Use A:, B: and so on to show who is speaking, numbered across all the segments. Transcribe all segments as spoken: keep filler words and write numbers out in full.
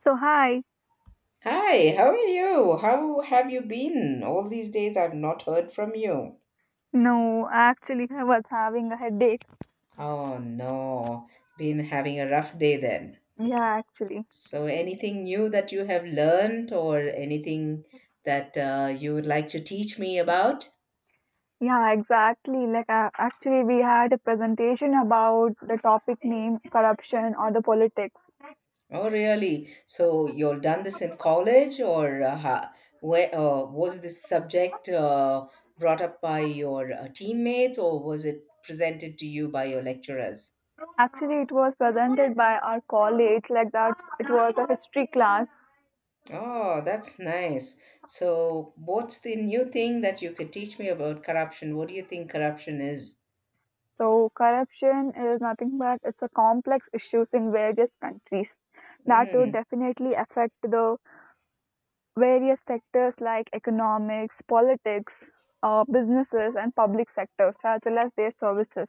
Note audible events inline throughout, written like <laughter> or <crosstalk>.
A: So hi.
B: Hi, how are you? How have you been? All these days I've not heard from you.
A: No, actually I was having a headache.
B: Oh no, been having a rough day then.
A: Yeah, actually.
B: So, anything new that you have learned or anything that uh, you would like to teach me about?
A: Yeah, exactly. Like uh, actually we had a presentation about the topic name corruption or the politics.
B: Oh, really? So, you've done this in college or uh, ha- where uh, was this subject uh, brought up by your uh, teammates or was it presented to you by your lecturers?
A: Actually it was presented by our college like that's it was a history class.
B: Oh, that's nice. So, what's the new thing that you could teach me about corruption? What do you think corruption is?
A: So corruption is nothing but it's a complex issues in various countries that would
B: Mm.
A: definitely affect the various sectors like economics, politics, uh, businesses, and public sectors, as well as their services.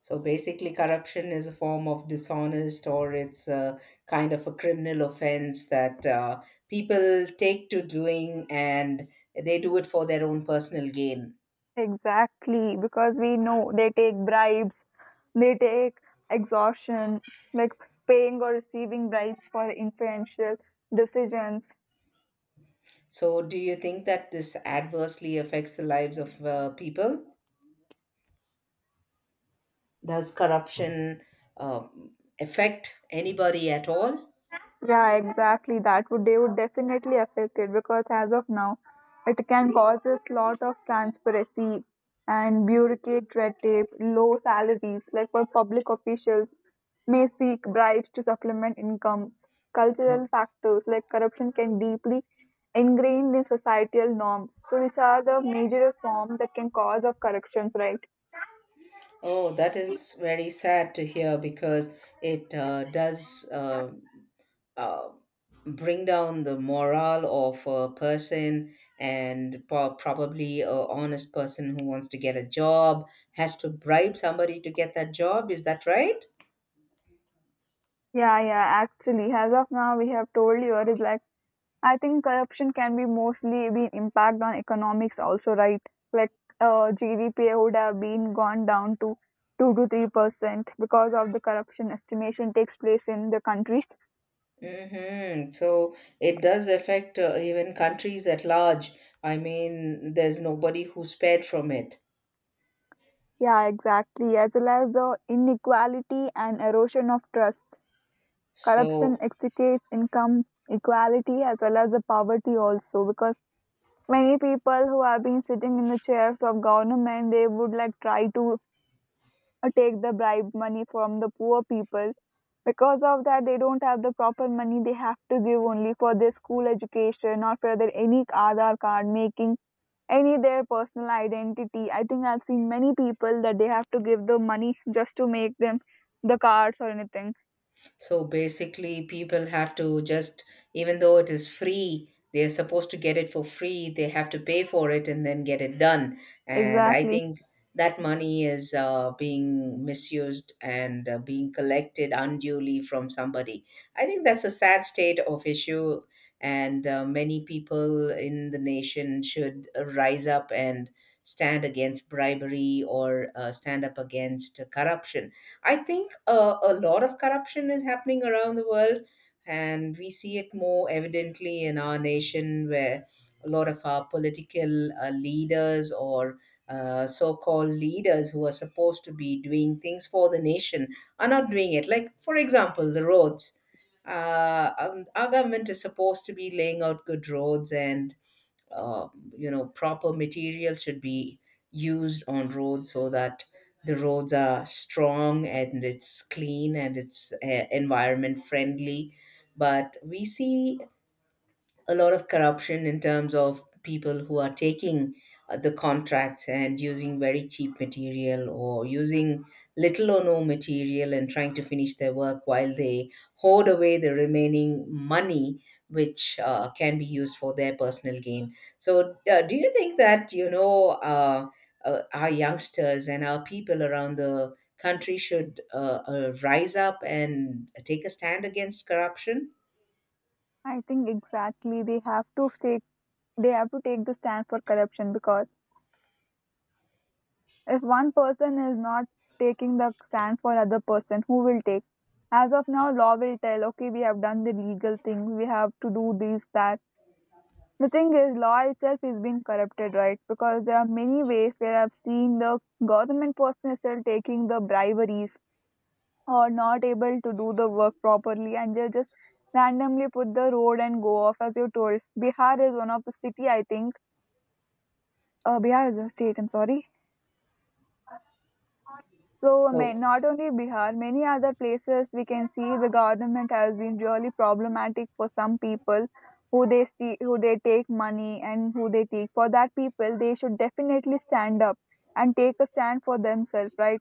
B: So, basically, corruption is a form of dishonest or it's a kind of a criminal offense that uh, people take to doing and they do it for their own personal gain.
A: Exactly, because we know they take bribes, they take extortion, like paying or receiving bribes for influential decisions.
B: So, do you think that this adversely affects the lives of uh, people? Does corruption um affect anybody at all?
A: Yeah, exactly. That would they would definitely affect it because as of now, it can cause a lot of transparency and bureaucratic red tape, low salaries, like for public officials may seek bribes to supplement incomes. Cultural
B: No.
A: factors like corruption can deeply ingrained in societal norms. So these are the major form that can cause of corruptions, right?
B: Oh, that is very sad to hear because it uh, does uh, uh, bring down the morale of a person, and po- probably a honest person who wants to get a job has to bribe somebody to get that job. Is that right?
A: Yeah, yeah, actually, as of now, we have told you, it is like, I think corruption can be mostly be impact on economics also, right? Like, uh, G D P would have been gone down to two to three percent because of the corruption estimation takes place in the countries.
B: Mm-hmm. So it does affect uh, even countries at large. I mean, there's nobody who's spared from it.
A: Yeah, exactly. As well as the inequality and erosion of trusts. Corruption
B: So.
A: extricates income equality as well as the poverty also because many people who have been sitting in the chairs of government, they would like try to uh, take the bribe money from the poor people. Because of that, they don't have the proper money. They have to give only for their school education or for their any Aadhaar card making any their personal identity. I think I've seen many people that they have to give the money just to make them the cards or anything.
B: So basically, people have to just, even though it is free, they're supposed to get it for free. They have to pay for it and then get it done. And I
A: Exactly.
B: think that money is uh, being misused and uh, being collected unduly from somebody. I think that's a sad state of issue. And uh, many people in the nation should uh, rise up and stand against bribery or uh, stand up against corruption. I think uh, a lot of corruption is happening around the world, and we see it more evidently in our nation, where a lot of our political uh, leaders or uh, so-called leaders who are supposed to be doing things for the nation are not doing it. Like, for example, the roads. Uh, um, our government is supposed to be laying out good roads and uh, you know proper material should be used on roads so that the roads are strong and it's clean and it's uh, environment friendly, but we see a lot of corruption in terms of people who are taking uh, the contracts and using very cheap material or using little or no material and trying to finish their work while they hoard away the remaining money which uh, can be used for their personal gain. So, uh, do you think that you know uh, uh, our youngsters and our people around the country should uh, uh, rise up and take a stand against corruption?
A: I think exactly they have to take they have to take the stand for corruption because if one person is not taking the stand for other person, who will take? As of now, law will tell, okay, we have done the legal thing, we have to do this, that. The thing is, law itself is being corrupted, right? Because there are many ways where I've seen the government person is still taking the briberies or not able to do the work properly and they just randomly put the road and go off as you told. Bihar is one of the city, I think. Uh, Bihar is a state, I'm sorry. So,
B: So,
A: I Not only Bihar, many other places we can see the government has been really problematic for some people who they ste- who they take money and who they take. For that people, they should definitely stand up and take a stand for themselves, right?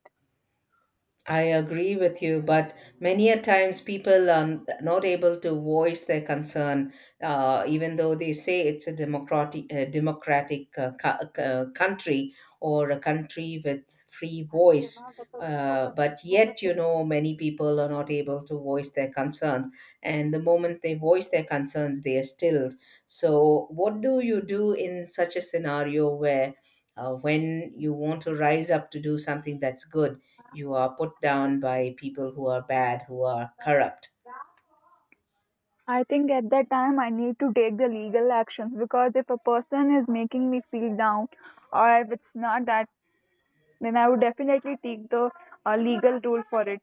B: I agree with you, but many a times people are not able to voice their concern, uh, even though they say it's a democratic, uh, democratic uh, co- uh, country or a country with free voice. Uh, but yet, you know, many people are not able to voice their concerns. And the moment they voice their concerns, they are stilled. So, what do you do in such a scenario where, uh, when you want to rise up to do something that's good? You are put down by people who are bad, who are corrupt.
A: I think at that time I need to take the legal actions because if a person is making me feel down, or if it's not that, then I would definitely take the uh, legal rule for it.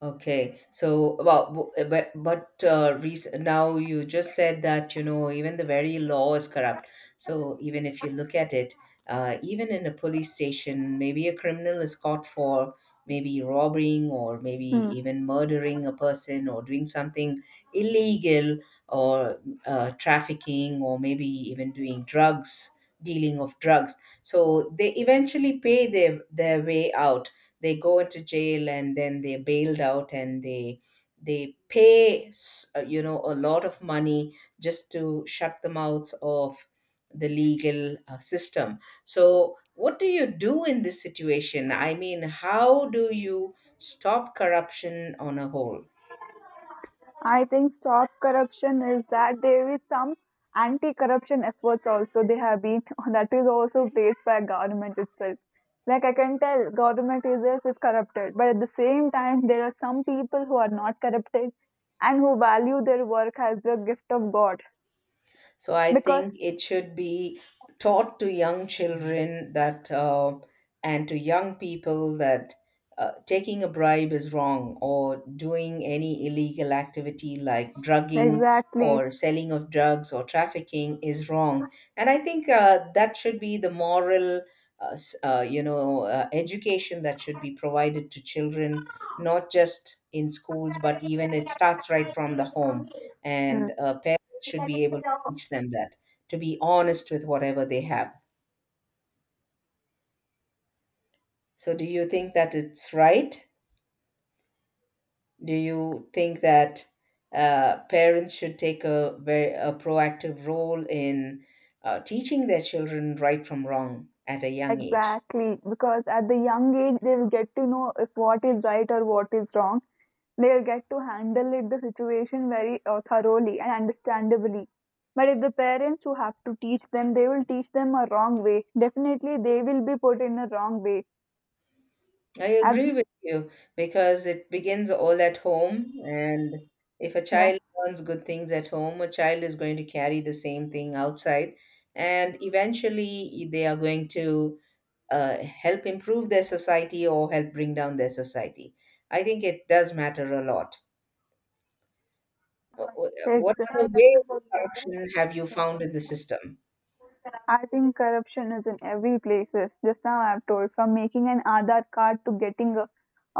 B: Okay, so well, bu- but but uh, rec- now you just said that you know even the very law is corrupt. So even if you look at it, uh, even in a police station, maybe a criminal is caught for maybe robbing or maybe
A: Hmm.
B: even murdering a person or doing something illegal or uh, trafficking or maybe even doing drugs, dealing of drugs. So they eventually pay their their way out, they go into jail and then they're bailed out and they they pay s- uh, you know a lot of money just to shut the mouths of the legal uh, system. So what do you do in this situation? I mean, how do you stop corruption on a whole?
A: I think stop corruption is that there is some anti-corruption efforts also they have been <laughs> that is also placed by government itself. Like I can tell, government itself is corrupted, but at the same time, there are some people who are not corrupted and who value their work as the gift of God.
B: So I
A: Because
B: think it should be taught to young children that uh, and to young people that uh, taking a bribe is wrong or doing any illegal activity like drugging
A: exactly,
B: or selling of drugs or trafficking is wrong. And I think uh, that should be the moral, uh, s- uh, you know, uh, education that should be provided to children, not just in schools, but even it starts right from the home.
A: hmm,
B: And uh, parents should be able teach them that to be honest with whatever they have. So, do you think that it's right? Do you think that uh, parents should take a very a proactive role in uh, teaching their children right from wrong at a young age?
A: exactly, because at the young age they will get to know if what is right or what is wrong. They'll get to handle it the situation very uh, thoroughly and understandably, but if the parents who have to teach them they will teach them a wrong way, definitely they will be put in a wrong way.
B: I
A: Ab-
B: agree with you because it begins all at home, and if a
A: yeah
B: child learns good things at home, a child is going to carry the same thing outside, and eventually they are going to uh, help improve their society or help bring down their society. I think it does matter a lot. Wh- wh- What other
A: exa-
B: ways of corruption have you found in the system?
A: I think corruption is in every places. Just now I have told from making an Aadhaar card to getting a,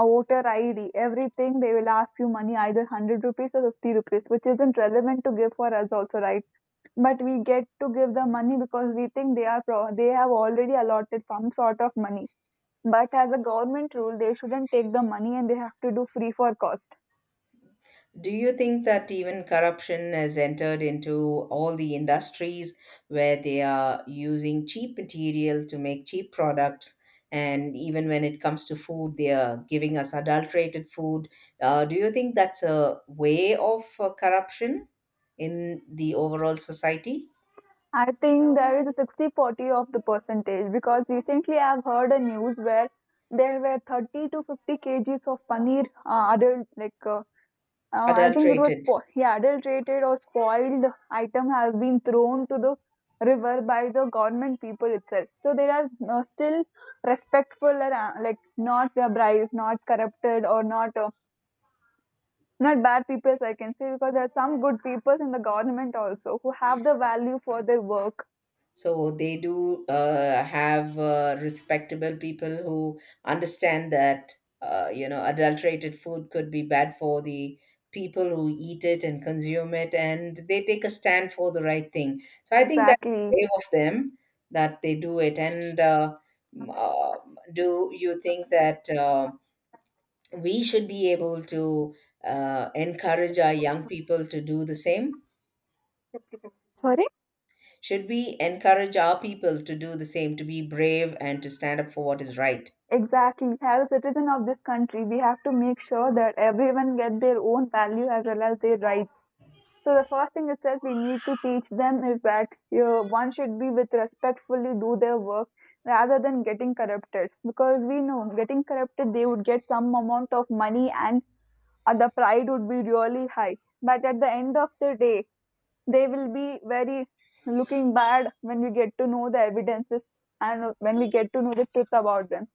A: a voter ID, everything they will ask you money either hundred rupees or fifty rupees, which isn't relevant to give for us also, right? But we get to give the money because we think they are pro- they have already allotted some sort of money, but as a government rule they shouldn't take the money and they have to do free for cost.
B: Do you think that even corruption has entered into all the industries where they are using cheap material to make cheap products? And even when it comes to food, they are giving us adulterated food. Uh, do you think that's a way of uh, corruption in the overall society?
A: I think there is a sixty forty of the percentage because recently I have heard a news where there were thirty to fifty kgs of paneer uh, adult like uh, Uh, I think it was
B: Adulterated.
A: spo- yeah, adulterated or spoiled item has been thrown to the river by the government people itself. So they are uh, still respectful and uh, like not uh, bribed, not corrupted, or not uh, not bad people, I can say, because there are some good people in the government also who have the value for their work.
B: So they do uh, have uh, respectable people who understand that uh, you know adulterated food could be bad for the people who eat it and consume it, and they take a stand for the right thing. So I think that's
A: Exactly.
B: brave of them that they do it. And uh, m- uh, do you think that uh, we should be able to uh, encourage our young people to do the same?
A: Sorry?
B: Should we encourage our people to do the same, to be brave and to stand up for what is right?
A: Exactly. As a citizen of this country, we have to make sure that everyone get their own value as well as their rights. So the first thing itself we need to teach them is that you one should be with respectfully do their work rather than getting corrupted, because we know getting corrupted they would get some amount of money and uh, the pride would be really high, but at the end of the day they will be very looking bad when we get to know the evidences and when we get to know the truth about them.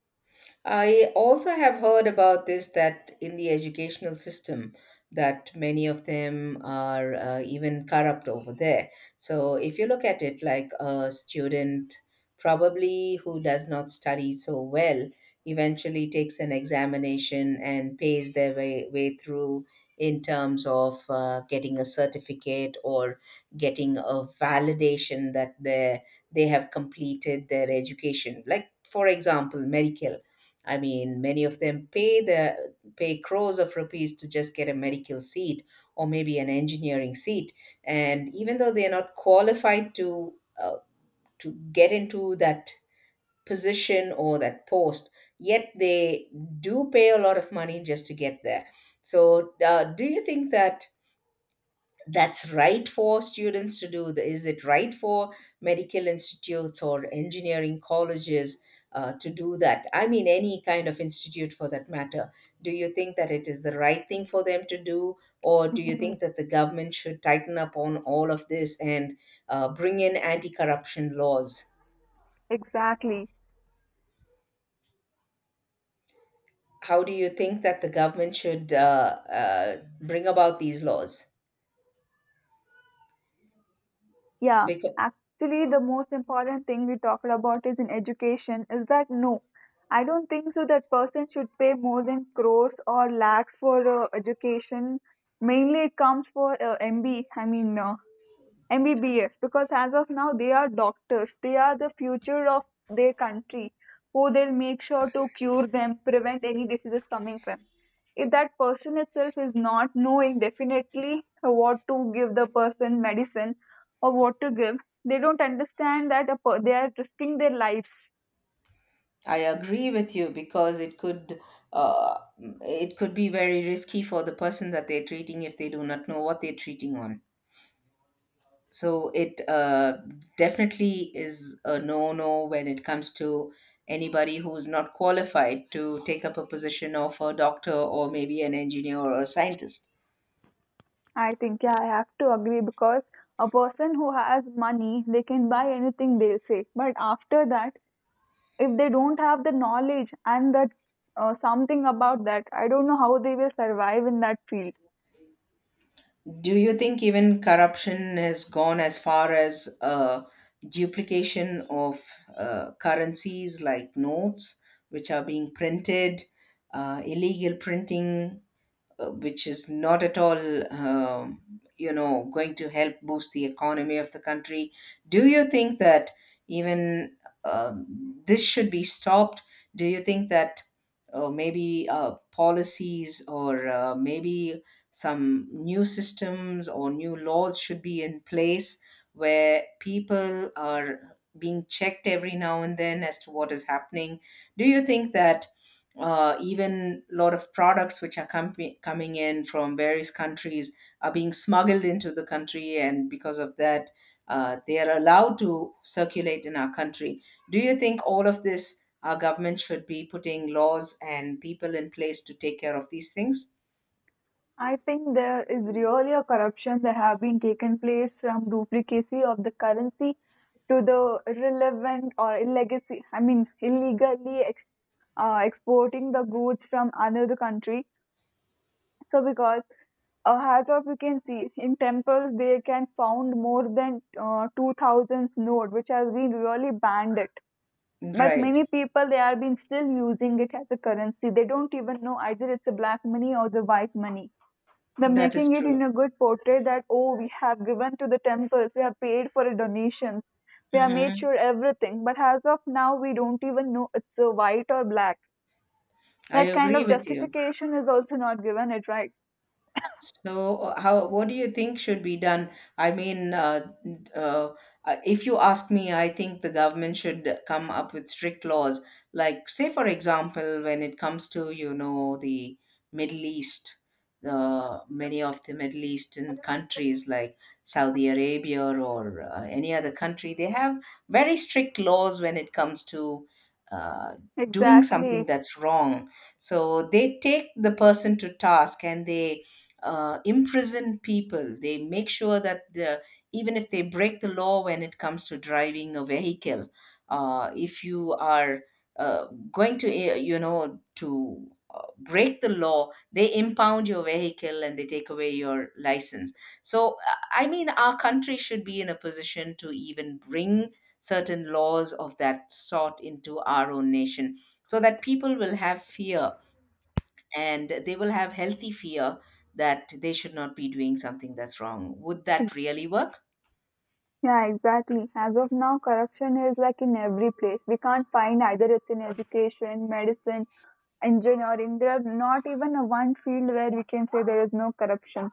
B: I also have heard about this that in the educational system that many of them are uh, even corrupt over there. So if you look at it like a student probably who does not study so well eventually takes an examination and pays their way, way through in terms of uh, getting a certificate or getting a validation that they they have completed their education, like for example medical. I mean, many of them pay the pay crores of rupees to just get a medical seat or maybe an engineering seat, and even though they are not qualified to uh, to get into that position or that post, yet they do pay a lot of money just to get there. So, uh, do you think that that's right for students to do? The- Is it right for medical institutes or engineering colleges uh, to do that? I mean, any kind of institute for that matter. Do you think that it is the right thing for them to do? Or do you
A: Mm,
B: think that the government should tighten up on all of this and uh, bring in anti corruption laws?
A: exactly.
B: How do you think that the government should uh, uh, bring about these laws?
A: Yeah,
B: Because
A: actually, the most important thing we talked about is in education is that no, I don't think so that person should pay more than crores or lakhs for uh, education. Mainly, it comes for uh, M B. I mean, uh, M B B S, because as of now they are doctors. They are the future of their country who they'll make sure to cure them, prevent any diseases coming from. If that person itself is not knowing definitely what to give the person medicine or what to give, they don't understand that a per- they are risking their lives.
B: I agree with you because it could uh, it could be very risky for the person that they're treating if they do not know what they're treating on. So it uh, definitely is a no-no when it comes to anybody who's not qualified to take up a position of a doctor or maybe an engineer or a scientist.
A: I think yeah, I have to agree because a person who has money, they can buy anything they'll say. But after that, if they don't have the knowledge and that uh, something about that, I don't know how they will survive in that field.
B: Do you think even corruption has gone as far as uh, duplication of uh, currencies like notes, which are being printed, uh, illegal printing? Uh, which is not at all, um, you know, going to help boost the economy of the country. Do you think that even um this should be stopped? Do you think that uh, maybe uh, policies or uh, maybe some new systems or new laws should be in place where people are being checked every now and then as to what is happening? Do you think that uh, even a lot of products which are com- coming in from various countries are being smuggled into the country, and because of that, uh, they are allowed to circulate in our country. Do you think all of this, our government should be putting laws and people in place to take care of these things?
A: I think there is really a corruption that have been taken place from duplicacy of the currency to the irrelevant or illegacy. I mean, illegally ex- uh, exporting the goods from another country. So because uh, as of you can see in temples they can found more than uh, two thousands note which has been really banned. But
B: Right,
A: many people they are been still using it as a currency. They don't even know either it's a black money or the white money. They're
B: that is
A: making it in
B: true.
A: a good portrait that, oh, we have given to the temples, we have paid for a donation, we have made
B: Hmm.
A: sure everything. But as of now we don't even know it's a white or black.
B: I
A: That kind
B: agree
A: of
B: with you.
A: justification is also not given it right.
B: So, uh, how what do you think should be done? I mean, uh, uh, uh, if you ask me, I think the government should come up with strict laws. Like, say, for example, when it comes to, you know, the Middle East, uh, many of the Middle Eastern countries like Saudi Arabia or uh, any other country, they have very strict laws when it comes to uh, doing something
A: Exactly.
B: that's wrong. So they take the person to task and they uh, imprison people. They make sure that the, even if they break the law when it comes to driving a vehicle, uh, if you are uh, going to, eh, you know, to uh, break the law, they impound your vehicle and they take away your license. So, I I mean, our country should be in a position to even bring certain laws of that sort into our own nation so that people will have fear and they will have healthy fear that they should not be doing something that's wrong. Would that really work?
A: Yeah, exactly. As of now, corruption is like in every place. We can't find either it's in education, medicine, engineering. There are not even a one field where we can say there is no corruption.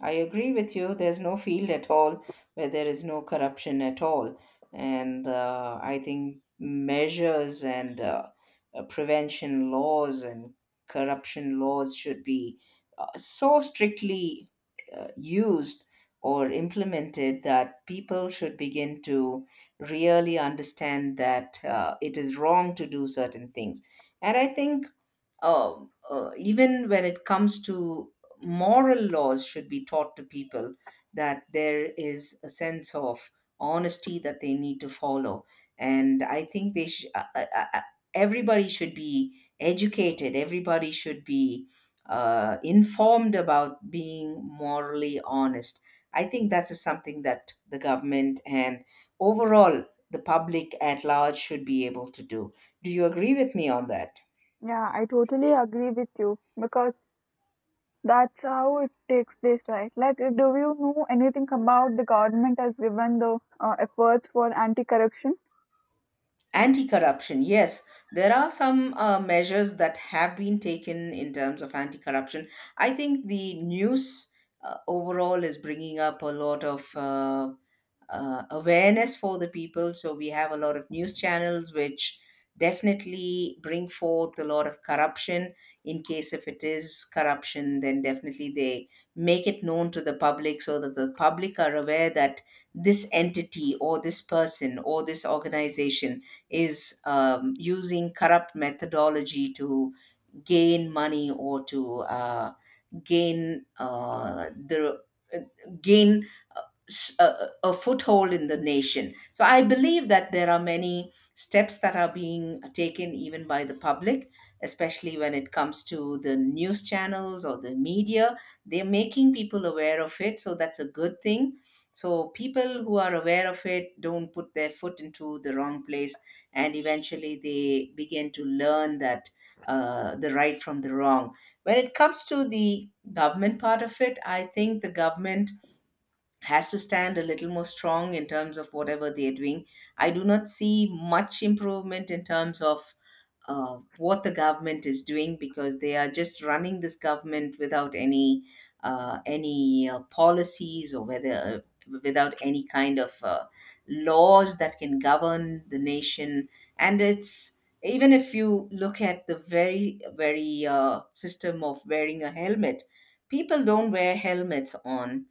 B: I agree with you. There's no field at all where there is no corruption at all. And uh, I think measures and uh, uh, prevention laws and corruption laws should be uh, so strictly uh, used or implemented that people should begin to really understand that uh, it is wrong to do certain things. And I think um, uh, even when it comes to moral laws should be taught to people that there is a sense of honesty that they need to follow, and I think they sh- uh, uh, uh, uh, everybody should be educated, everybody should be uh, informed about being morally honest. I think that's just something that the government and overall the public at large should be able to do. Do you agree with me on that?
A: Yeah, I totally agree with you because that's how it takes place, right? Like, do you know anything about the government has given the uh, efforts for anti-corruption?
B: Anti corruption, yes. There are some uh, measures that have been taken in terms of anti corruption. I think the news uh, overall is bringing up a lot of uh, uh, awareness for the people. So we have a lot of news channels which definitely bring forth a lot of corruption. In case if it is corruption, then definitely they make it known to the public so that the public are aware that this entity or this person or this organization is um, using corrupt methodology to gain money or to uh, gain uh, the uh, gain s- a, a a foothold in the nation. So I believe that there are many steps that are being taken even by the public, especially when it comes to the news channels or the media. They're making people aware of it, so that's a good thing. So people who are aware of it don't put their foot into the wrong place, and eventually they begin to learn that uh, the right from the wrong. When it comes to the government part of it, I think the government has to stand a little more strong in terms of whatever they're doing. I do not see much improvement in terms of uh, what the government is doing, because they are just running this government without any uh, any uh, policies, or whether without any kind of uh, laws that can govern the nation. And it's, even if you look at the very very uh, system of wearing a helmet, people don't wear helmets on,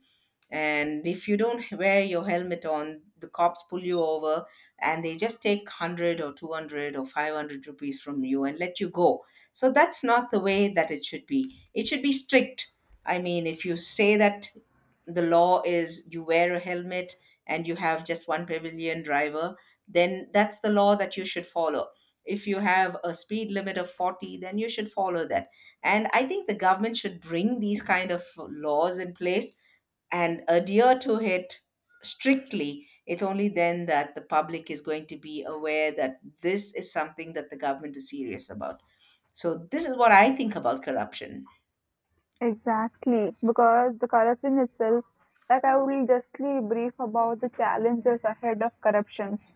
B: and if you don't wear your helmet on, the cops pull you over and they just take one hundred or two hundred or five hundred rupees from you and let you go. So that's not the way that it should be. It should be strict. I mean, if you say that the law is you wear a helmet and you have just one pavilion driver, then that's the law that you should follow. If you have a speed limit of forty, then you should follow that. And I think the government should bring these kind of laws in place and adhere to it strictly. It's only then that the public is going to be aware that this is something that the government is serious about. So this is what I think about corruption.
A: Exactly, because the corruption itself, like I will justly brief about the challenges ahead of corruptions.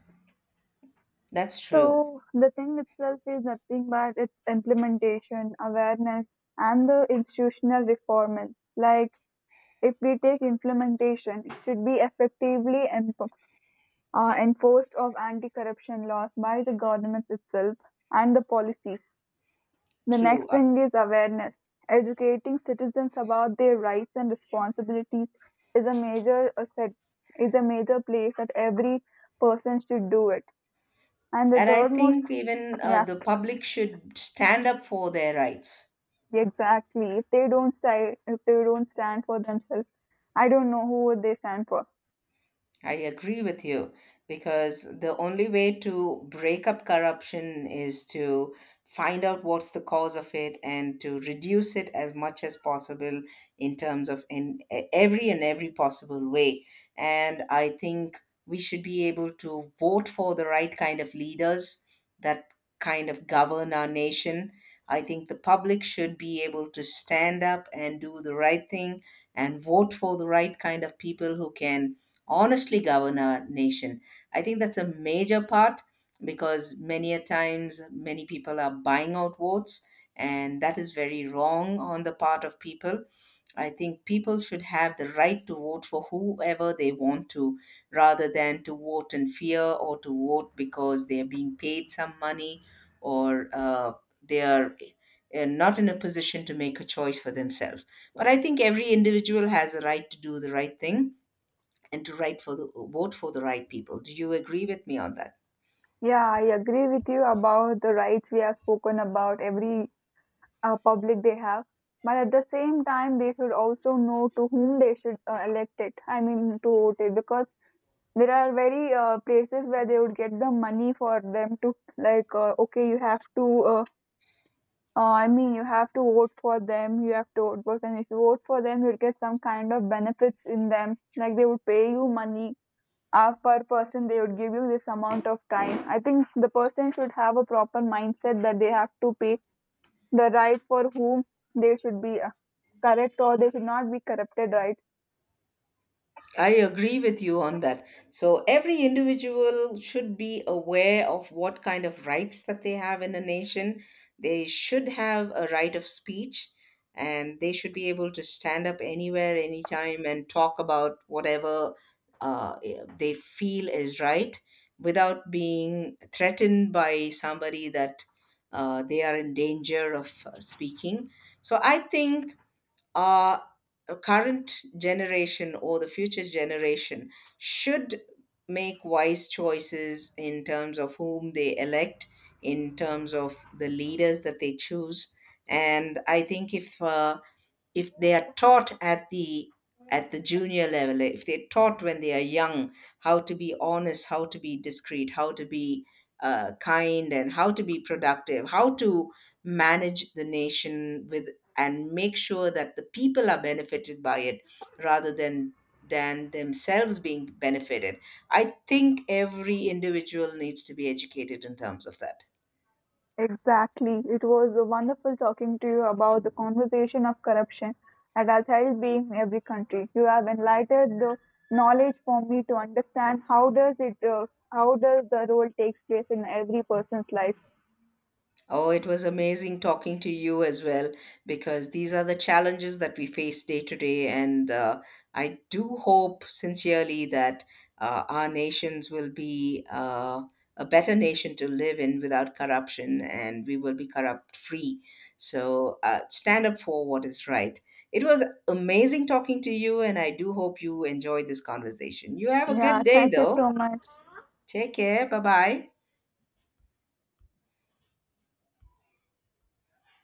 B: That's true.
A: So the thing itself is nothing but its implementation, awareness, and the institutional reform. Like if we take implementation, it should be effectively em- uh, enforced of anti-corruption laws by the government itself and the policies. The
B: True.
A: next
B: Uh,
A: thing is awareness. Educating citizens about their rights and responsibilities is a major asset, is a major place that every person should do it. And the
B: And I
A: third most.
B: think even uh,
A: Yeah.
B: the public should stand up for their rights.
A: Exactly. If they don't sti- if they don't stand for themselves, I don't know who would they stand for.
B: I agree with you, because the only way to break up corruption is to find out what's the cause of it and to reduce it as much as possible in terms of in e- every and every possible way. And I think we should be able to vote for the right kind of leaders that kind of govern our nation. I think the public should be able to stand up and do the right thing and vote for the right kind of people who can honestly govern our nation. I think that's a major part, because many a times many people are buying out votes, and that is very wrong on the part of people. I think people should have the right to vote for whoever they want to, rather than to vote in fear or to vote because they are being paid some money, or uh, they are uh, not in a position to make a choice for themselves. But I think every individual has a right to do the right thing and to write for the vote for the right people. Do you agree with me on that?
A: Yeah, I agree with you about the rights we have spoken about every uh, public they have, but at the same time they should also know to whom they should uh, elect it. I mean to vote it, because there are very uh, places where they would get the money for them to like uh, okay, you have to uh, Uh, I mean, you have to vote for them. You have to vote for them. If you vote for them, you'll get some kind of benefits in them. Like they would pay you money uh, per person. They would give you this amount of time. I think the person should have a proper mindset that they have to pay the right for whom they should be uh, correct or they should not be corrupted, right.
B: I agree with you on that. So every individual should be aware of what kind of rights that they have in a nation. They should have a right of speech, and they should be able to stand up anywhere anytime and talk about whatever uh, they feel is right without being threatened by somebody that uh, they are in danger of uh, speaking. So I think our current generation or the future generation should make wise choices in terms of whom they elect, in terms of the leaders that they choose. And I think if uh, if they are taught at the, at the junior level, if they're taught when they are young, how to be honest, how to be discreet, how to be uh, kind, and how to be productive, how to manage the nation with, and make sure that the people are benefited by it rather than than themselves being benefited. I think every individual needs to be educated in terms of that.
A: Exactly. It was wonderful talking to you about the conversation of corruption that has held being in every country. You have enlightened the knowledge for me to understand how does it uh, how does the role takes place in every person's life.
B: Oh, it was amazing talking to you as well, because these are the challenges that we face day to day. And uh, I do hope sincerely that uh, our nations will be uh, a better nation to live in without corruption, and we will be corrupt free. So uh, stand up for what is right. It was amazing talking to you, and I do hope you enjoyed this conversation. You have a
A: Yeah,
B: good day,
A: thank you
B: though.
A: so much.
B: Take care. Bye bye.